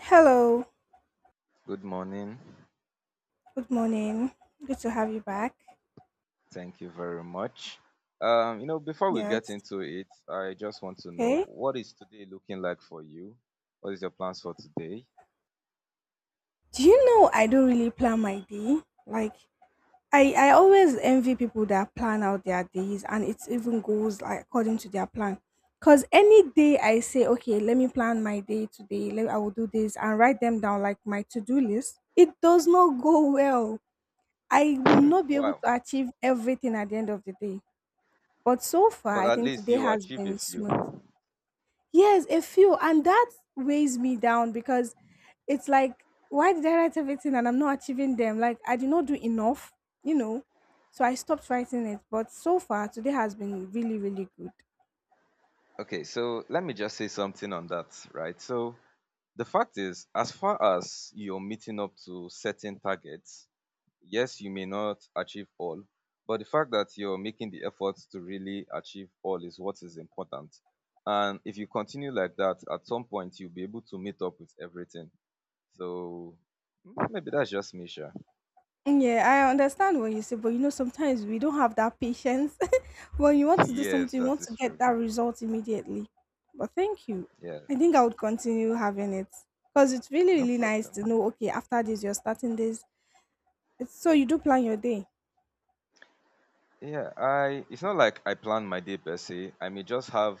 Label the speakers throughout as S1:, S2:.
S1: Hello,
S2: Good morning.
S1: good morning. Good to have you back.
S2: Thank you very much. Before we get
S1: Yes.
S2: into it, I just want to know,
S1: Okay.
S2: what is today looking like for you? What is your plans for today?
S1: Do you know I don't really plan my day? Like I always envy people that plan out their days and it even goes like according to their plan. Cause any day I say, okay, let me plan my day today. I will do this and write them down like my to-do list. It does not go well. I will not be able
S2: Wow,
S1: to achieve everything at the end of the day. But so far,
S2: but
S1: I
S2: at
S1: think
S2: least
S1: today
S2: you
S1: has
S2: achieve a
S1: been
S2: few.
S1: smooth. Yes, a few. And that weighs me down because it's like, why did I write everything and I'm not achieving them? Like, I did not do enough, you know? So I stopped writing it. But so far, today has been really, really good.
S2: Okay, so let me just say something on that, right? So the fact is, as far as you're meeting up to certain targets, yes, you may not achieve all, but the fact that you're making the efforts to really achieve all is what is important. And if you continue like that, at some point you'll be able to meet up with everything. So maybe that's just me, sure.
S1: Yeah, I understand what you say, but sometimes we don't have that patience. When you want to do
S2: Yes,
S1: something, you
S2: that
S1: want to
S2: is
S1: get
S2: true.
S1: that result immediately. But thank you.
S2: Yeah,
S1: I think I would continue having it because it's really,
S2: no
S1: really nice
S2: problem.
S1: to know, okay, after this, you're starting this. So you do plan your day.
S2: Yeah, I it's not like I plan my day per se. I may just have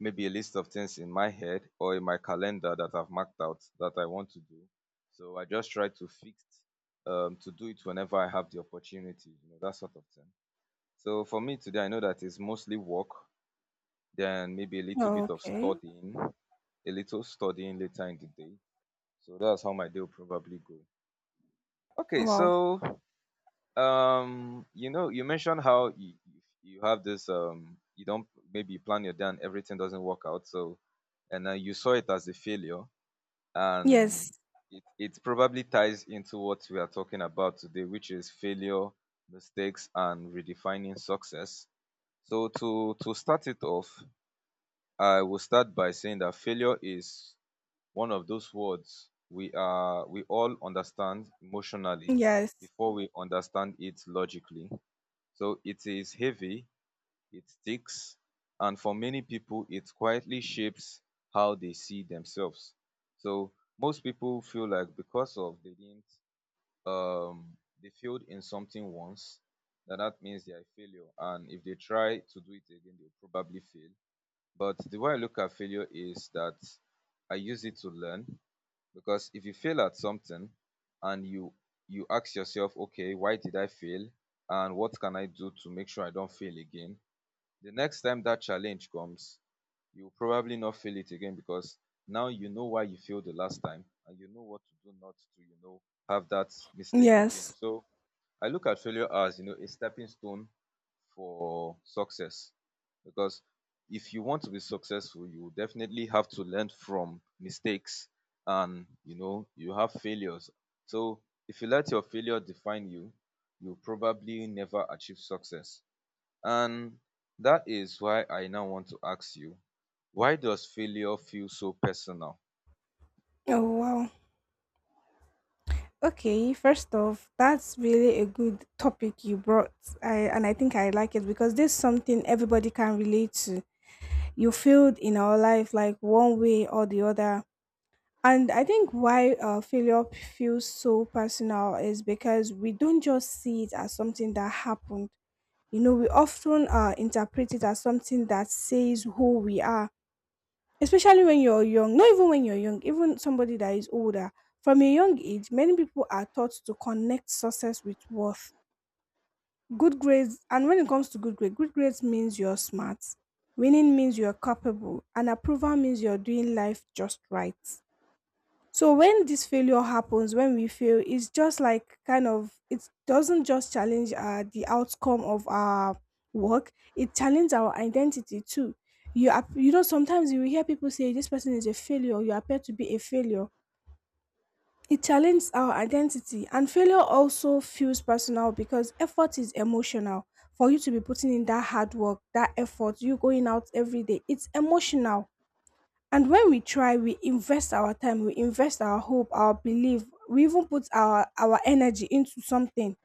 S2: maybe a list of things in my head or in my calendar that I've marked out that I want to do. So I just try to fix to do it whenever I have the opportunity, you know, that sort of thing. So for me today, I know that it's mostly work, then maybe a little
S1: Oh,
S2: bit of
S1: okay.
S2: studying, a little studying later in the day. So that's how my day will probably go. Okay,
S1: Wow.
S2: so you mentioned how you have this, you don't, maybe you plan your day and everything doesn't work out, so and then you saw it as a failure,
S1: Yes,
S2: and it probably ties into what we are talking about today, which is failure, mistakes, and redefining success. So to start it off, I will start by saying that failure is one of those words we all understand emotionally
S1: yes,
S2: before we understand it logically. So it is heavy, it sticks, and for many people, it quietly shapes how they see themselves. So most people feel like, because of they didn't, they failed in something once, that means they are a failure. And if they try to do it again, they'll probably fail. But the way I look at failure is that I use it to learn, because if you fail at something and you ask yourself, okay, why did I fail and what can I do to make sure I don't fail again? The next time that challenge comes, you'll probably not fail it again, because now you know why you failed the last time and you know what to do not to, have that mistake again.
S1: yes.
S2: So I look at failure as, a stepping stone for success, because if you want to be successful, you definitely have to learn from mistakes, and you have failures. So if you let your failure define you, you probably never achieve success. And that is why I now want to ask you, why does failure feel so personal?
S1: Oh, wow. Okay, first off, that's really a good topic you brought. I and I think I like it because this is something everybody can relate to. You failed in our life like one way or the other. And I think why failure feels so personal is because we don't just see it as something that happened. You know, we often interpret it as something that says who we are. Especially when you're young, not even when you're young, even somebody that is older. From a young age, many people are taught to connect success with worth. Good grades, and when it comes to good grades means you're smart. Winning means you're capable, and approval means you're doing life just right. So when this failure happens, when we fail, it's just like kind of it doesn't just challenge the outcome of our work; it challenges our identity too. You are, you know, sometimes you will hear people say this person is a failure. You appear to be a failure. It challenges our identity, and failure also feels personal because effort is emotional. For you to be putting in that hard work, that effort, you going out every day, it's emotional, and when we try, we invest our time, we invest our hope, our belief, we even put our energy into something.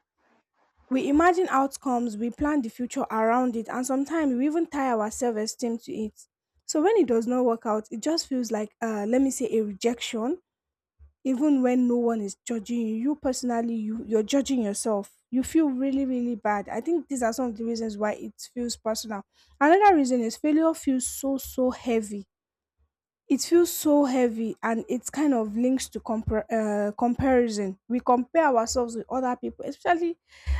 S1: We imagine outcomes, we plan the future around it, and sometimes we even tie our self esteem to it. So when it does not work out, it just feels like, let me say, a rejection. Even when no one is judging you, you personally, you're judging yourself. You feel really, really bad. I think these are some of the reasons why it feels personal. Another reason is failure feels so, so heavy, it feels so heavy and it's kind of links to comparison. We compare ourselves with other people, especially,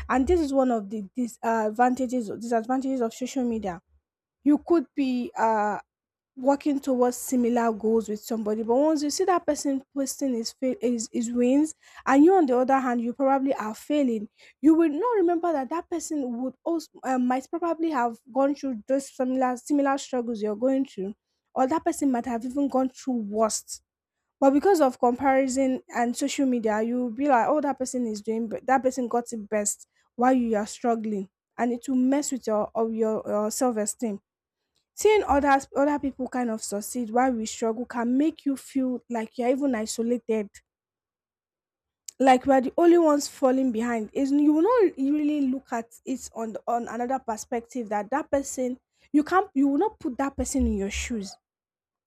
S1: and this is one of the disadvantages of social media. You could be working towards similar goals with somebody, but once you see that person posting his, fail, his wins and you on the other hand you probably are failing, you will not remember that that person would also might probably have gone through those similar struggles you're going through, or that person might have even gone through worst. But because of comparison and social media you'll be like, oh, that person is doing, but that person got it best while you are struggling, and it will mess with your self-esteem. Seeing other people kind of succeed while we struggle can make you feel like you're even isolated. Like we are the only ones falling behind. Is you will not really look at it on another perspective that that person, you will not put that person in your shoes.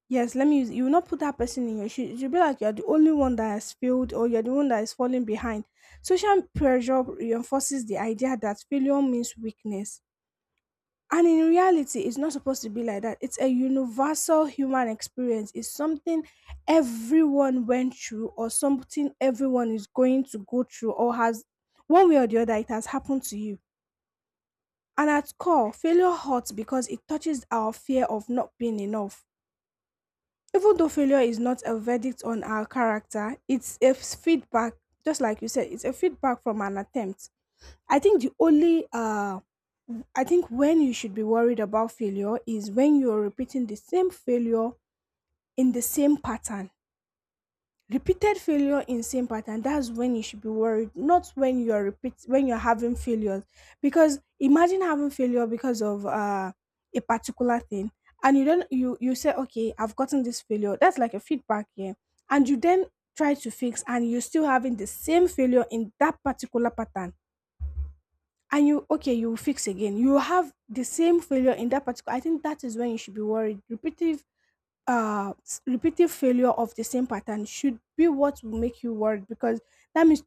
S1: Yes, let me use you will not put that person in your shoes. You'll be like you're the only one that has failed or you're the one that is falling behind. Social pressure reinforces the idea that failure means weakness, and in reality, it's not supposed to be like that. It's a universal human experience. It's something everyone went through, or something everyone is going to go through, or has one way or the other, it has happened to you. And at core, failure hurts because it touches our fear of not being enough. Even though failure is not a verdict on our character, it's a feedback, just like you said, it's a feedback from an attempt. I think the only uh I think when you should be worried about failure is when you're repeating the same failure in the same pattern. Repeated failure in same pattern, that's when you should be worried, not when you're repeat when you're having failures. Because imagine having failure because of a particular thing and you don't you you say, okay, I've gotten this failure. That's like a feedback here. And you then try to fix and you're still having the same failure in that particular pattern, and you will fix again, you will have the same failure in that particular. I think that is when you should be worried. Repetitive failure of the same pattern should be what will make you worried, because that means,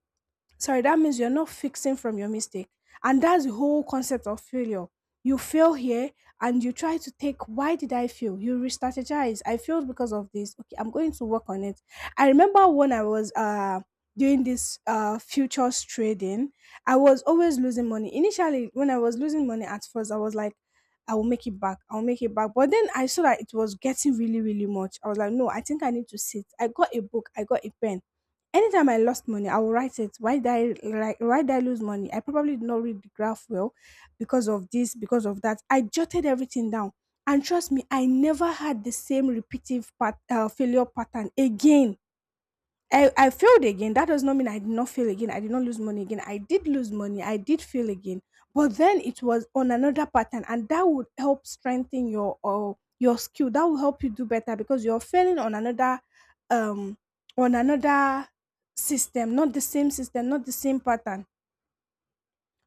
S1: sorry, that means you're not fixing from your mistake, and that's the whole concept of failure. You fail here and you try to take why did I fail, you re-strategize, I failed because of this, okay, I'm going to work on it. I remember when I was doing this futures trading. I was always losing money initially. When I was losing money at first, I was like I'll make it back. But then I saw that it was getting really, really much. I was like, no, I think I need to sit. I got a book, I got a pen. Anytime I lost money, I will write it. Why did I, like, why did I lose money? I probably did not read the graph well because of this, because of that. I jotted everything down. And trust me, I never had the same repetitive failure pattern again. I failed again. That does not mean I did not fail again. I did not lose money again. I did lose money. I did fail again. But then it was on another pattern, and that would help strengthen your skill. That will help you do better because you're failing on um another system, not the same system, not the same pattern.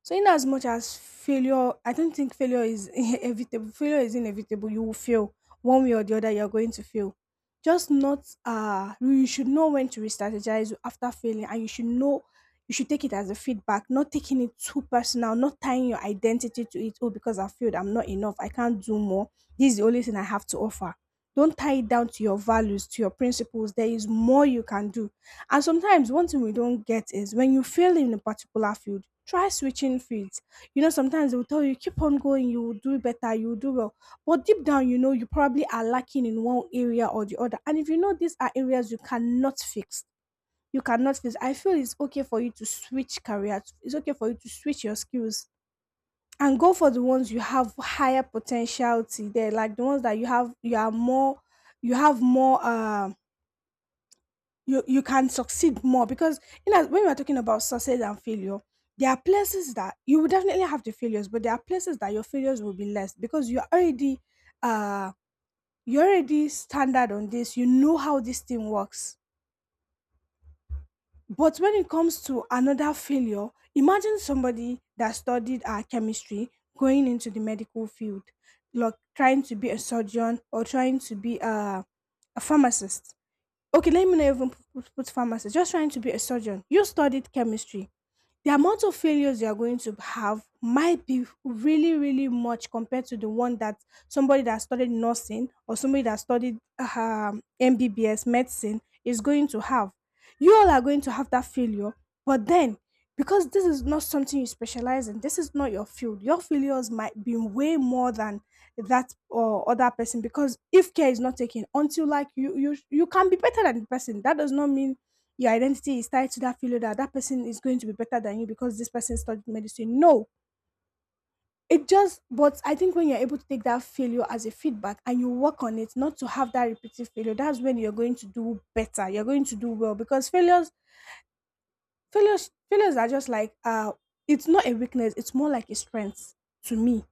S1: So, in as much as failure, I don't think failure is inevitable. Failure is inevitable. You will fail one way or the other. You're going to fail. Just not. You should know when to re-strategize after failing, and you should know. You should take it as a feedback, not taking it too personal, not tying your identity to it. Oh, because I failed, I'm not enough. I can't do more. This is the only thing I have to offer. Don't tie it down to your values, to your principles. There is more you can do, and sometimes one thing we don't get is when you fail in a particular field, try switching fields. Sometimes they will tell you, keep on going, you will do better, you will do well. But deep down, you probably are lacking in one area or the other. And if you know these are areas you cannot fix, I feel it's okay for you to switch careers, it's okay for you to switch your skills and go for the ones you have higher potentiality there, like the ones that you have, you are more, you have more, you can succeed more because when we are talking about success and failure, there are places that you will definitely have the failures, but there are places that your failures will be less because uh you're already standard on this, you know how this thing works. But when it comes to another failure, imagine somebody that studied chemistry going into the medical field, like trying to be a surgeon or trying to be a pharmacist. Okay, let me not even put pharmacist. Just trying to be a surgeon. You studied chemistry. The amount of failures you are going to have might be really really much compared to the one that somebody that studied nursing or somebody that studied MBBS medicine is going to have. You all are going to have that failure, but then because this is not something you specialize in, this is not your field, your failures might be way more than that or other person. Because if care is not taken, until like you can be better than the person, that does not mean your identity is tied to that feeling that that person is going to be better than you because this person studied medicine. No, it just, but I think when you're able to take that failure as a feedback and you work on it, not to have that repeated failure, that's when you're going to do better. You're going to do well because failures are just like, it's not a weakness, it's more like a strength to me.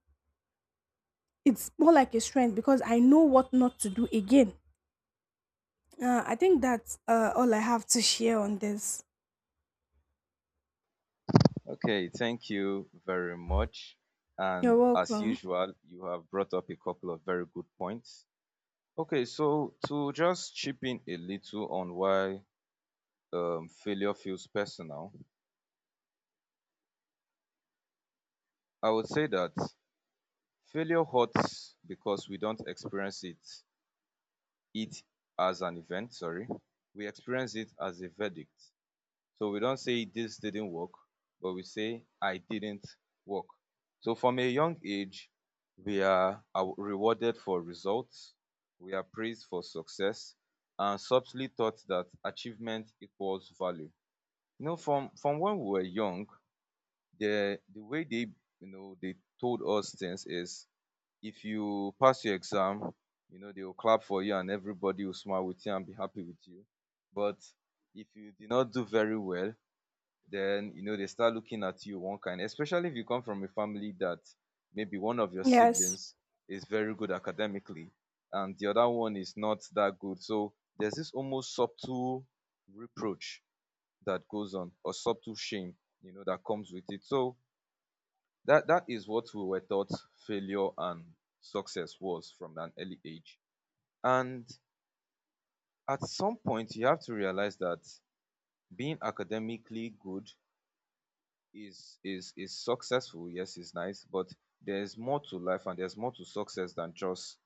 S1: It's more like a strength because I know what not to do again. I think that's all I have to share on this.
S2: Okay, thank you very much.
S1: You're
S2: And as
S1: welcome.
S2: usual, you have brought up a couple of very good points. Okay, so to just chip in a little on why failure feels personal, I would say that failure hurts because we don't experience it as an event, sorry. We experience it as a verdict. So we don't say this didn't work, but we say I didn't work. So from a young age, we are rewarded for results, we are praised for success, and subtly taught that achievement equals value. You know, from when we were young, the way they you know they told us things is, if you pass your exam, you know they will clap for you and everybody will smile with you and be happy with you. But if you did not do very well, then you know they start looking at you one kind, especially if you come from a family that maybe one of your
S1: Yes.
S2: siblings is very good academically and the other one is not that good. So there's this almost subtle reproach that goes on, or subtle shame, you know, that comes with it. So that is what we were taught. Failure and success was from an early age, and at some point you have to realize that being academically good is successful. Yes, it's nice, but there's more to life and there's more to success than just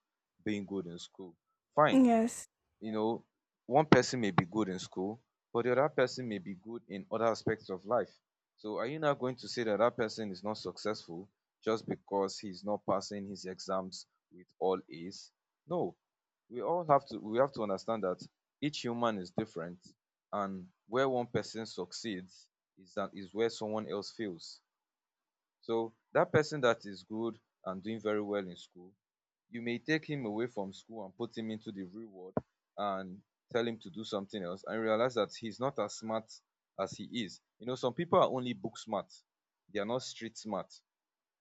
S2: being good in school. Fine.
S1: Yes.
S2: You know, one person may be good in school, but the other person may be good in other aspects of life. So are you now going to say that that person is not successful just because he's not passing his exams with all A's? No, we have to understand that each human is different, and where one person succeeds is that is where someone else fails. So that person that is good and doing very well in school, you may take him away from school and put him into the real world and tell him to do something else and realize that he's not as smart as he is. You know, some people are only book smart. They are not street smart.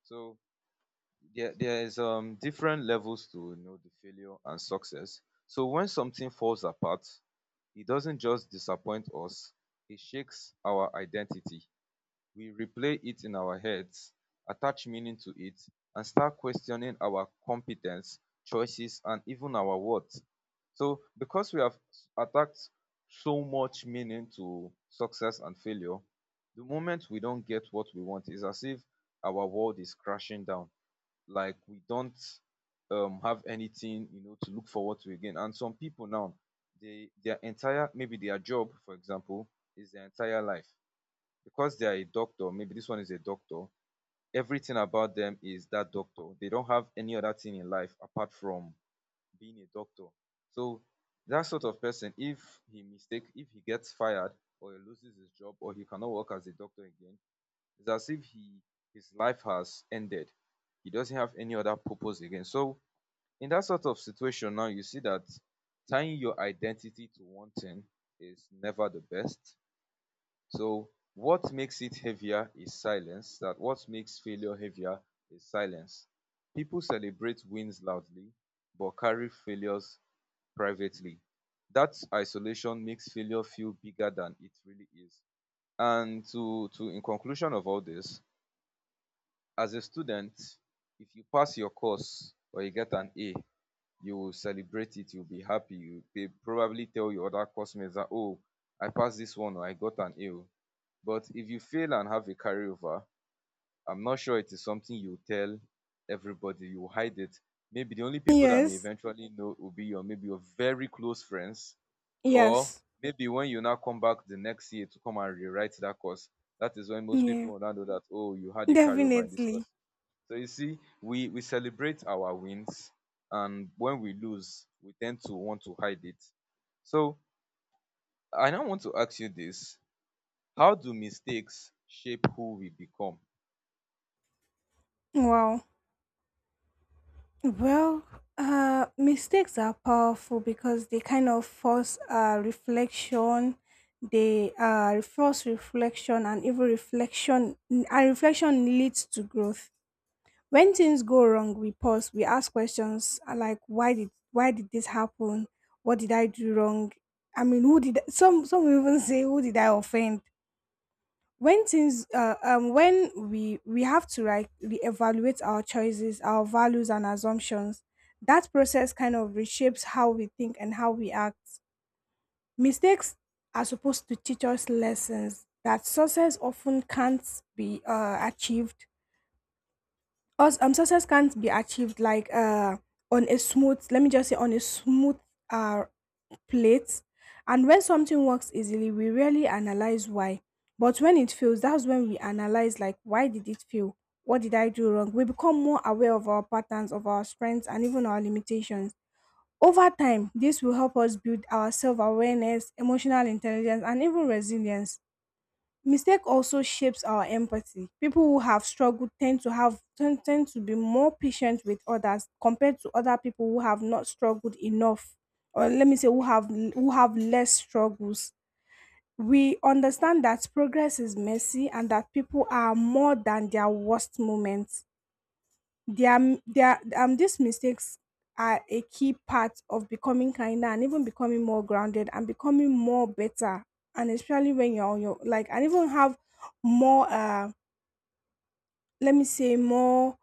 S2: So there's different levels to, the failure and success. So when something falls apart, he doesn't just disappoint us, he shakes our identity. We replay it in our heads, attach meaning to it, and start questioning our competence, choices, and even our worth. So because we have attached so much meaning to success and failure, the moment we don't get what we want, it's as if our world is crashing down, like we don't, have anything, to look forward to again. And some people now, they their entire, maybe their job, for example, is their entire life, because they are a doctor. Maybe this one is a doctor, everything about them is that doctor. They don't have any other thing in life apart from being a doctor. So that sort of person, if he gets fired or he loses his job or he cannot work as a doctor again, it's as if he his life has ended. He doesn't have any other purpose again. So in that sort of situation now, you see that tying your identity to one thing is never the best. So what makes it heavier is silence. That what makes failure heavier is silence. People celebrate wins loudly, but carry failures privately. That isolation makes failure feel bigger than it really is. And to in conclusion of all this, as a student, if you pass your course or you get an A, you will celebrate it, you'll be happy. You they probably tell your other classmates that, oh, I passed this one or I got an A. Oh." But if you fail and have a carryover, I'm not sure it is something you tell everybody. You hide it. Maybe the only people that may
S1: Yes.
S2: eventually know will be your, maybe your very close friends. Or
S1: Yes.
S2: maybe when you now come back the next year to come and rewrite that course, that is when most people
S1: Yeah.
S2: will now know that, oh, you had a carryover in this
S1: Definitely.
S2: course. So you see, we celebrate our wins, and when we lose we tend to want to hide it. So I now want to ask you this: how do mistakes shape who we become?
S1: Wow. Well, mistakes are powerful because they kind of force reflection, they force reflection and even reflection and reflection leads to growth. When things go wrong, we pause, we ask questions like why did this happen? What did I do wrong? I mean, some even say who did I offend? When things when we have to like reevaluate our choices, our values and assumptions, that process kind of reshapes how we think and how we act. Mistakes are supposed to teach us lessons that success often can't be achieved us success can't be achieved like on a smooth let me just say on a smooth uh plate. And when something works easily, we rarely analyze why, but when it fails, that's when we analyze like why did it fail, what did I do wrong. We become more aware of our patterns, of our strengths and even our limitations. Over time this will help us build our self-awareness, emotional intelligence and even resilience. Mistake also shapes our empathy. People who have struggled tend to tend to be more patient with others compared to other people who have not struggled enough, or let me say who have less struggles. We understand that progress is messy and that people are more than their worst moments. Their, m- their these mistakes are a key part of becoming kinder and even becoming more grounded and becoming more better, and especially when you're on your like and even have more let me say more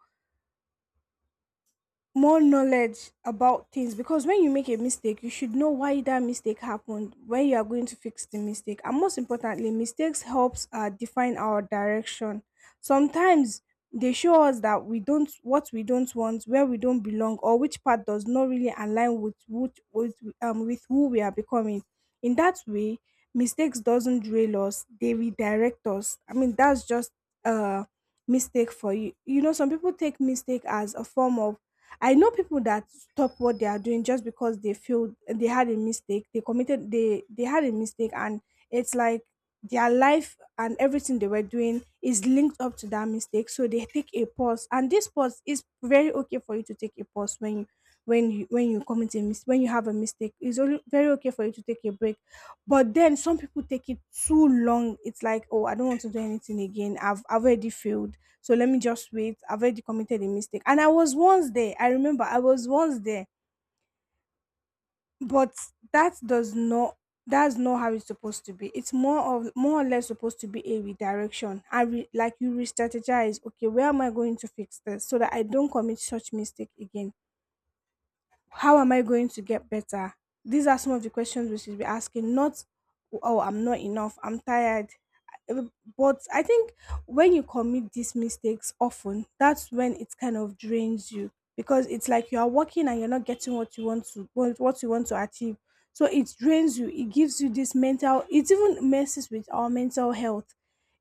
S1: more knowledge about things, because when you make a mistake you should know why that mistake happened, where you are going to fix the mistake. And most importantly, mistakes helps define our direction. Sometimes they show us that we don't what we don't want, where we don't belong, or which part does not really align with with who we are becoming. In that way mistakes doesn't drill us, they redirect us. I mean, that's just uh mistake for you you know Some people take mistake as a form of. I know people that stop what they are doing just because they feel they had a mistake. They committed they had a mistake, and it's like their life and everything they were doing is linked up to that mistake. So they take a pause. And this pause is very okay for you to take a pause when you when you when you when you have a mistake. It's only very okay for you to take a break. But then some people take it too long. It's like, oh, I don't want to do anything again. I've already failed, so let me just wait. I've already committed a mistake and I was once there. I remember I was once there. But that does not that's not how it's supposed to be. It's more of more or less supposed to be a redirection. Like you re-strategize, okay, where am I going to fix this so that I don't commit such mistake again, how am I going to get better? These are some of the questions we should be asking, not, oh, I'm not enough, I'm tired. Uh, But I think when you commit these mistakes often, that's when it kind of drains you, because it's like you are working and you're not getting what you want to achieve. So it drains you. It gives you this mental. It even messes with our mental health.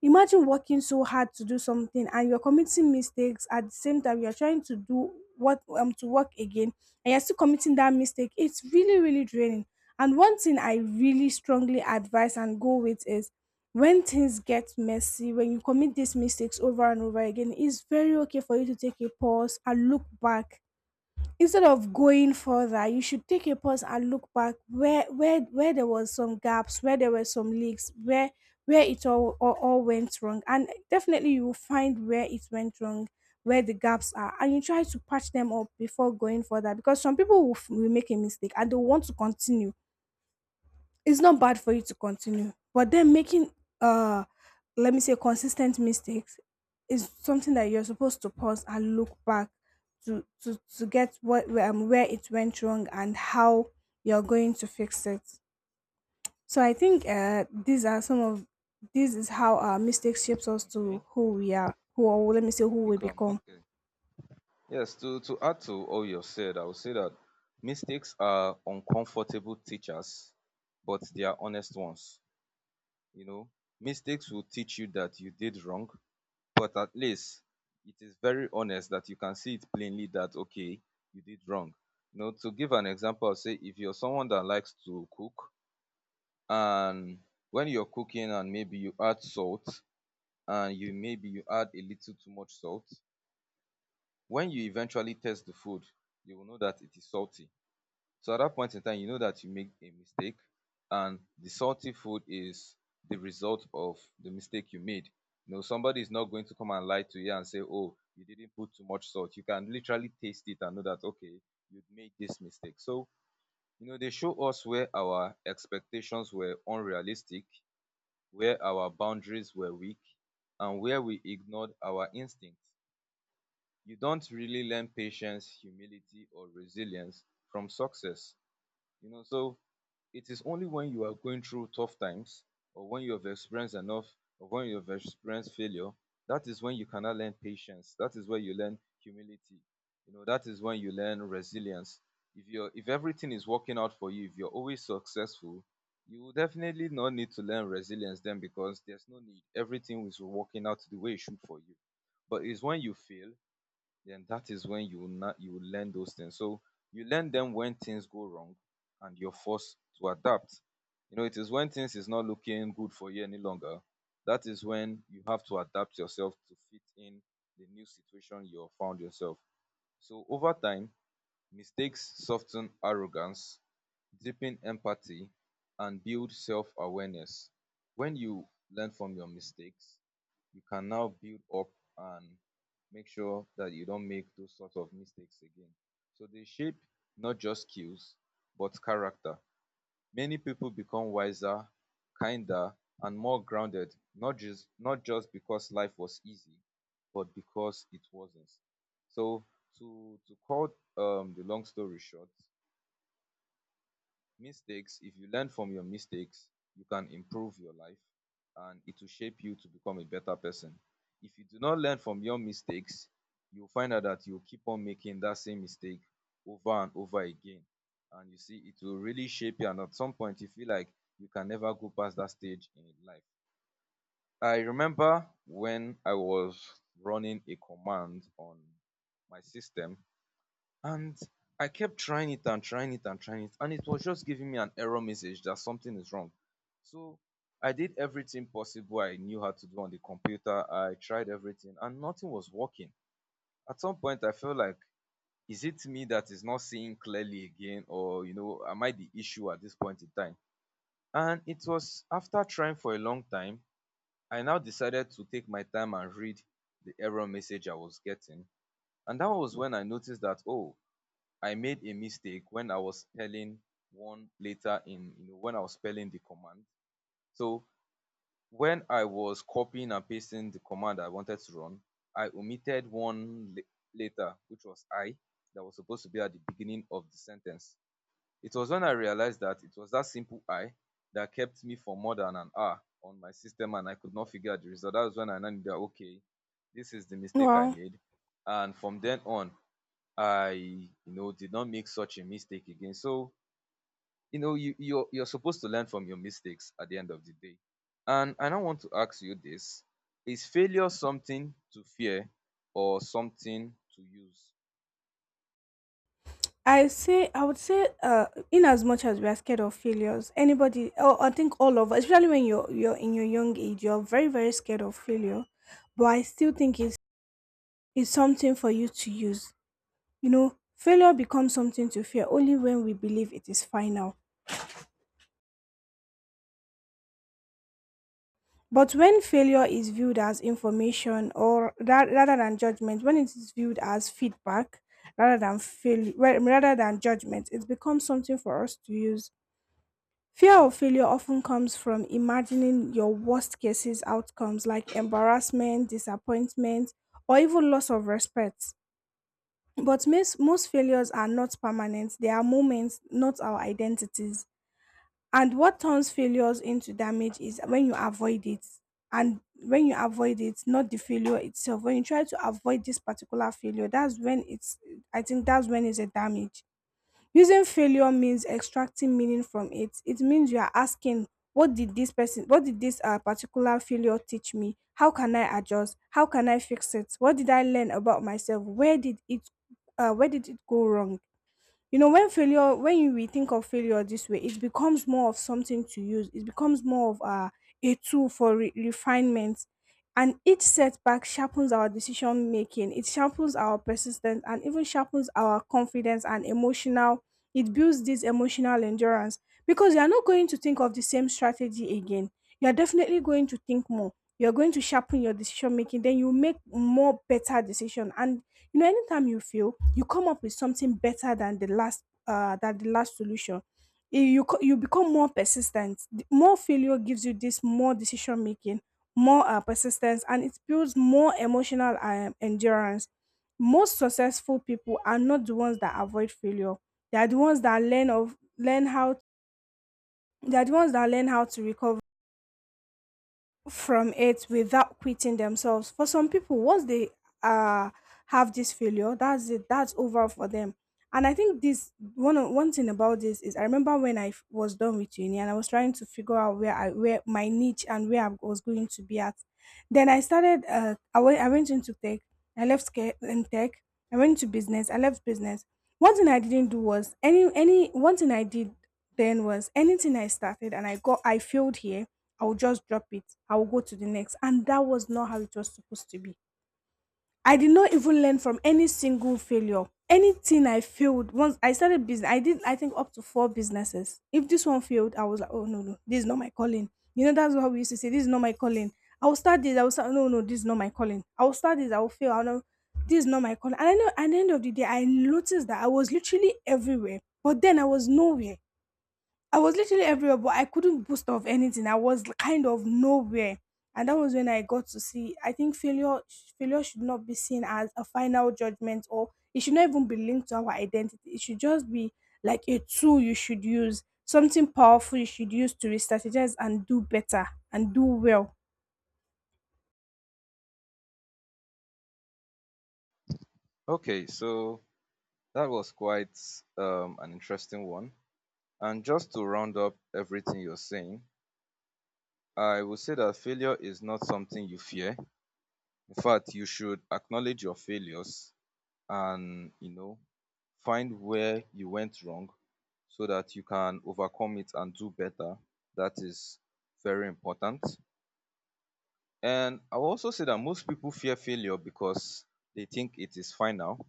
S1: Imagine working so hard to do something and you're committing mistakes at the same time. You're trying to do what to work again, and you're still committing that mistake, it's really, really draining. And one thing I really strongly advise and go with is, when things get messy, when you commit these mistakes over and over again, it's very okay for you to take a pause and look back. Instead of going further you should take a pause and look back, where there was some gaps, where there were some leaks, where it all went wrong. And definitely you will find where it went wrong, where the gaps are, and you try to patch them up before going further, because some people will make a mistake and they will want to continue. It's not bad for you to continue, but then making uh let me say consistent mistakes is something that you're supposed to pause and look back to get where it went wrong and how you're going to fix it. So I think these are some of this is how our mistakes shapes us to
S2: Okay,
S1: who we are, who or let me say
S2: you
S1: who we
S2: become
S1: become.
S2: okay. Yes, to add to all you said, I would say that mistakes are uncomfortable teachers, but they are honest ones. You know, mistakes will teach you that you did wrong, but at least it is very honest that you can see it plainly that, okay, you did wrong. You know, to give an example, I'll say if you're someone that likes to cook, and when you're cooking and maybe you add salt, and you maybe you add a little too much salt. When you eventually taste the food, you will know that it is salty. So at that point in time, you know that you made a mistake, and the salty food is the result of the mistake you made. You know, somebody is not going to come and lie to you and say, oh, you didn't put too much salt. You can literally taste it and know that, okay, you made this mistake. So, you know, they show us where our expectations were unrealistic, where our boundaries were weak, and where we ignored our instincts. You don't really learn patience, humility, or resilience from success. You know, so it is only when you are going through tough times, or when you have experienced enough, or when you have experienced failure, that is when you cannot learn patience. That is where you learn humility. You know, that is when you learn resilience. If everything is working out for you, if you're always successful, you will definitely not need to learn resilience then, because there's no need. Everything is working out the way it should for you. But it's when you fail then that is when you will not you will learn those things. So you learn them when things go wrong and you're forced to adapt. You know, it is when things is not looking good for you any longer. That is when you have to adapt yourself to fit in the new situation you have found yourself. So over time, mistakes soften arrogance, deepen empathy, and build self-awareness. When you learn from your mistakes, you can now build up and make sure that you don't make those sorts of mistakes again. So they shape not just skills but character. Many people become wiser, kinder, and more grounded, not just because life was easy, but because it wasn't. So to cut the long story short, mistakes, if you learn from your mistakes, you can improve your life, and it will shape you to become a better person. If you do not learn from your mistakes, you'll find out that you'll keep on making that same mistake over and over again. And you see, it will really shape you, and at some point you feel like you can never go past that stage in life. I remember when I was running a command on my system, and I kept trying it and trying it and trying it, and it was just giving me an error message that something is wrong. So I did everything possible I knew how to do on the computer. I tried everything, and nothing was working. At some point, I felt like, is it me that is not seeing clearly again, or you know, am I the issue at this point in time? And it was after trying for a long time, I now decided to take my time and read the error message I was getting. And that was when I noticed that, oh, I made a mistake when I was telling one later in, you know, when I was spelling the command. So when I was copying and pasting the command I wanted to run, I omitted later, which was I, that was supposed to be at the beginning of the sentence. It was when I realized that it was that simple, I, that kept me for more than an hour on my system and I could not figure out the result. That was when I knew that, okay, this is the mistake I
S1: Wow.
S2: made. And from then on, I did not make such a mistake again. So you know, you're supposed to learn from your mistakes at the end of the day. And I now want to ask you this: is failure something to fear or something to use?
S1: I would say in as much as we are scared of failures, anybody or I think all of us, especially when you're in your young age, you're very, very scared of failure. But I still think it's something for you to use. You know, failure becomes something to fear only when we believe it is final. But when failure is viewed as information or rather than judgment, when it is viewed as feedback rather than fail well, rather than judgment, it becomes something for us to use. Fear of failure often comes from imagining your worst cases outcomes like embarrassment, disappointment, or even loss of respect. But most failures are not permanent, they are moments, not our identities. And what turns failures into damage is when you avoid it. And when you avoid it, not the failure itself, when you try to avoid this particular failure, that's when it's, I think that's when it's a damage. Using failure means extracting meaning from it. It means you are asking, what did this particular failure teach me? How can I adjust? How can I fix it? What did I learn about myself? Where did it go wrong? You know, when we think of failure this way, it becomes more of something to use. It becomes more of a tool for refinement. And each setback sharpens our decision making, it sharpens our persistence, and even sharpens our confidence and emotional. It builds this emotional endurance, because you are not going to think of the same strategy again. You are definitely going to think more. You are going to sharpen your decision making. Then you make more better decision, and you know, anytime you fail, you come up with something better than the last solution. You become more persistent. The more failure gives you this more decision making, more persistence, and it builds more emotional endurance. Most successful people are not the ones that avoid failure. They are the ones that learn how they are the ones that learn how to recover from it without quitting themselves. For some people, once they uh have this failure, that's it, that's over for them. And I think this one thing about this is, I remember when I was done with uni and I was trying to figure out where my niche and where I was going to be at. Then I started. I went. I went into tech. I left tech. I went to business. I left business. One thing I didn't do was, any one thing I did then was, anything I started and I failed here, I will just drop it. I will go to the next, and that was not how it was supposed to be. I did not even learn from any single failure. Anything I failed once I started business, I did, I think, up to four businesses. If this one failed, I was like, oh, no no, this is not my calling. You know that's what we used to say. This is not my calling. I will start this. I will start. No no, this is not my calling. I will start this. I will fail. I will know this is not my calling. And I know at the end of the day, I noticed that I was literally everywhere, but then I was nowhere. I was literally everywhere, but I couldn't boast of anything. I was kind of nowhere. And that was when I got to see, I think failure should not be seen as a final judgment, or it should not even be linked to our identity. It should just be like a tool you should use, something powerful you should use to re-strategize and do better and do well.
S2: Okay, so that was quite an interesting one. And just to round up everything you're saying, I would say that failure is not something you fear. In fact, you should acknowledge your failures, and you know, find where you went wrong so that you can overcome it and do better. That is very important. And I will also say that most people fear failure because they think it is final,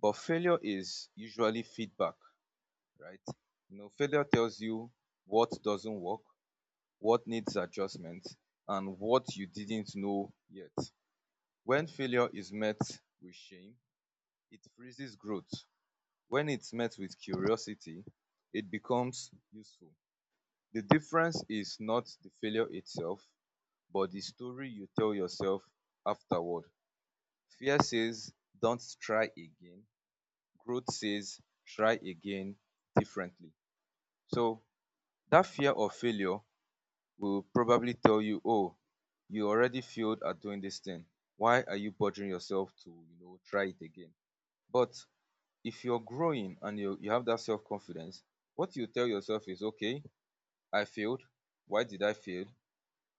S2: but failure is usually feedback, right? You know, failure tells you what doesn't work, what needs adjustment, and what you didn't know yet. When failure is met with shame, it freezes growth. When it's met with curiosity, it becomes useful. The difference is not the failure itself, but the story you tell yourself afterward. Fear says, don't try again. Growth says, try again differently. So that fear of failure will probably tell you, oh, you already failed at doing this thing. Why are you bothering yourself to, you know, try it again? But if you're growing and you have that self confidence, what you tell yourself is, okay, I failed. Why did I fail?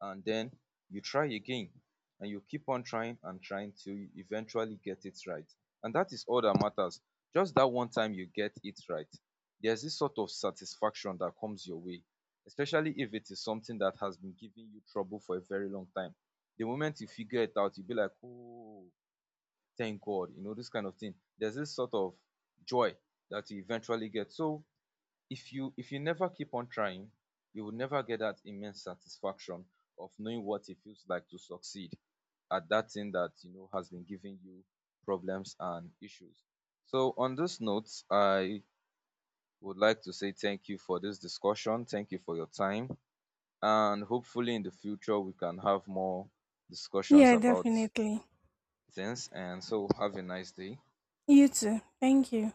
S2: And then you try again, and you keep on trying and trying to eventually get it right. And that is all that matters. Just that one time you get it right. There's this sort of satisfaction that comes your way, especially if it is something that has been giving you trouble for a very long time. The moment you figure it out, you'll be like, oh, thank God, you know, this kind of thing. There's this sort of joy that you eventually get. So if you never keep on trying, you will never get that immense satisfaction of knowing what it feels like to succeed at that thing that you know has been giving you problems and issues. So on this note, I would like to say thank you for this discussion. Thank you for your time. And hopefully in the future we can have more discussions
S1: Yeah,
S2: about
S1: definitely.
S2: things. And so have a nice day.
S1: You too. Thank you.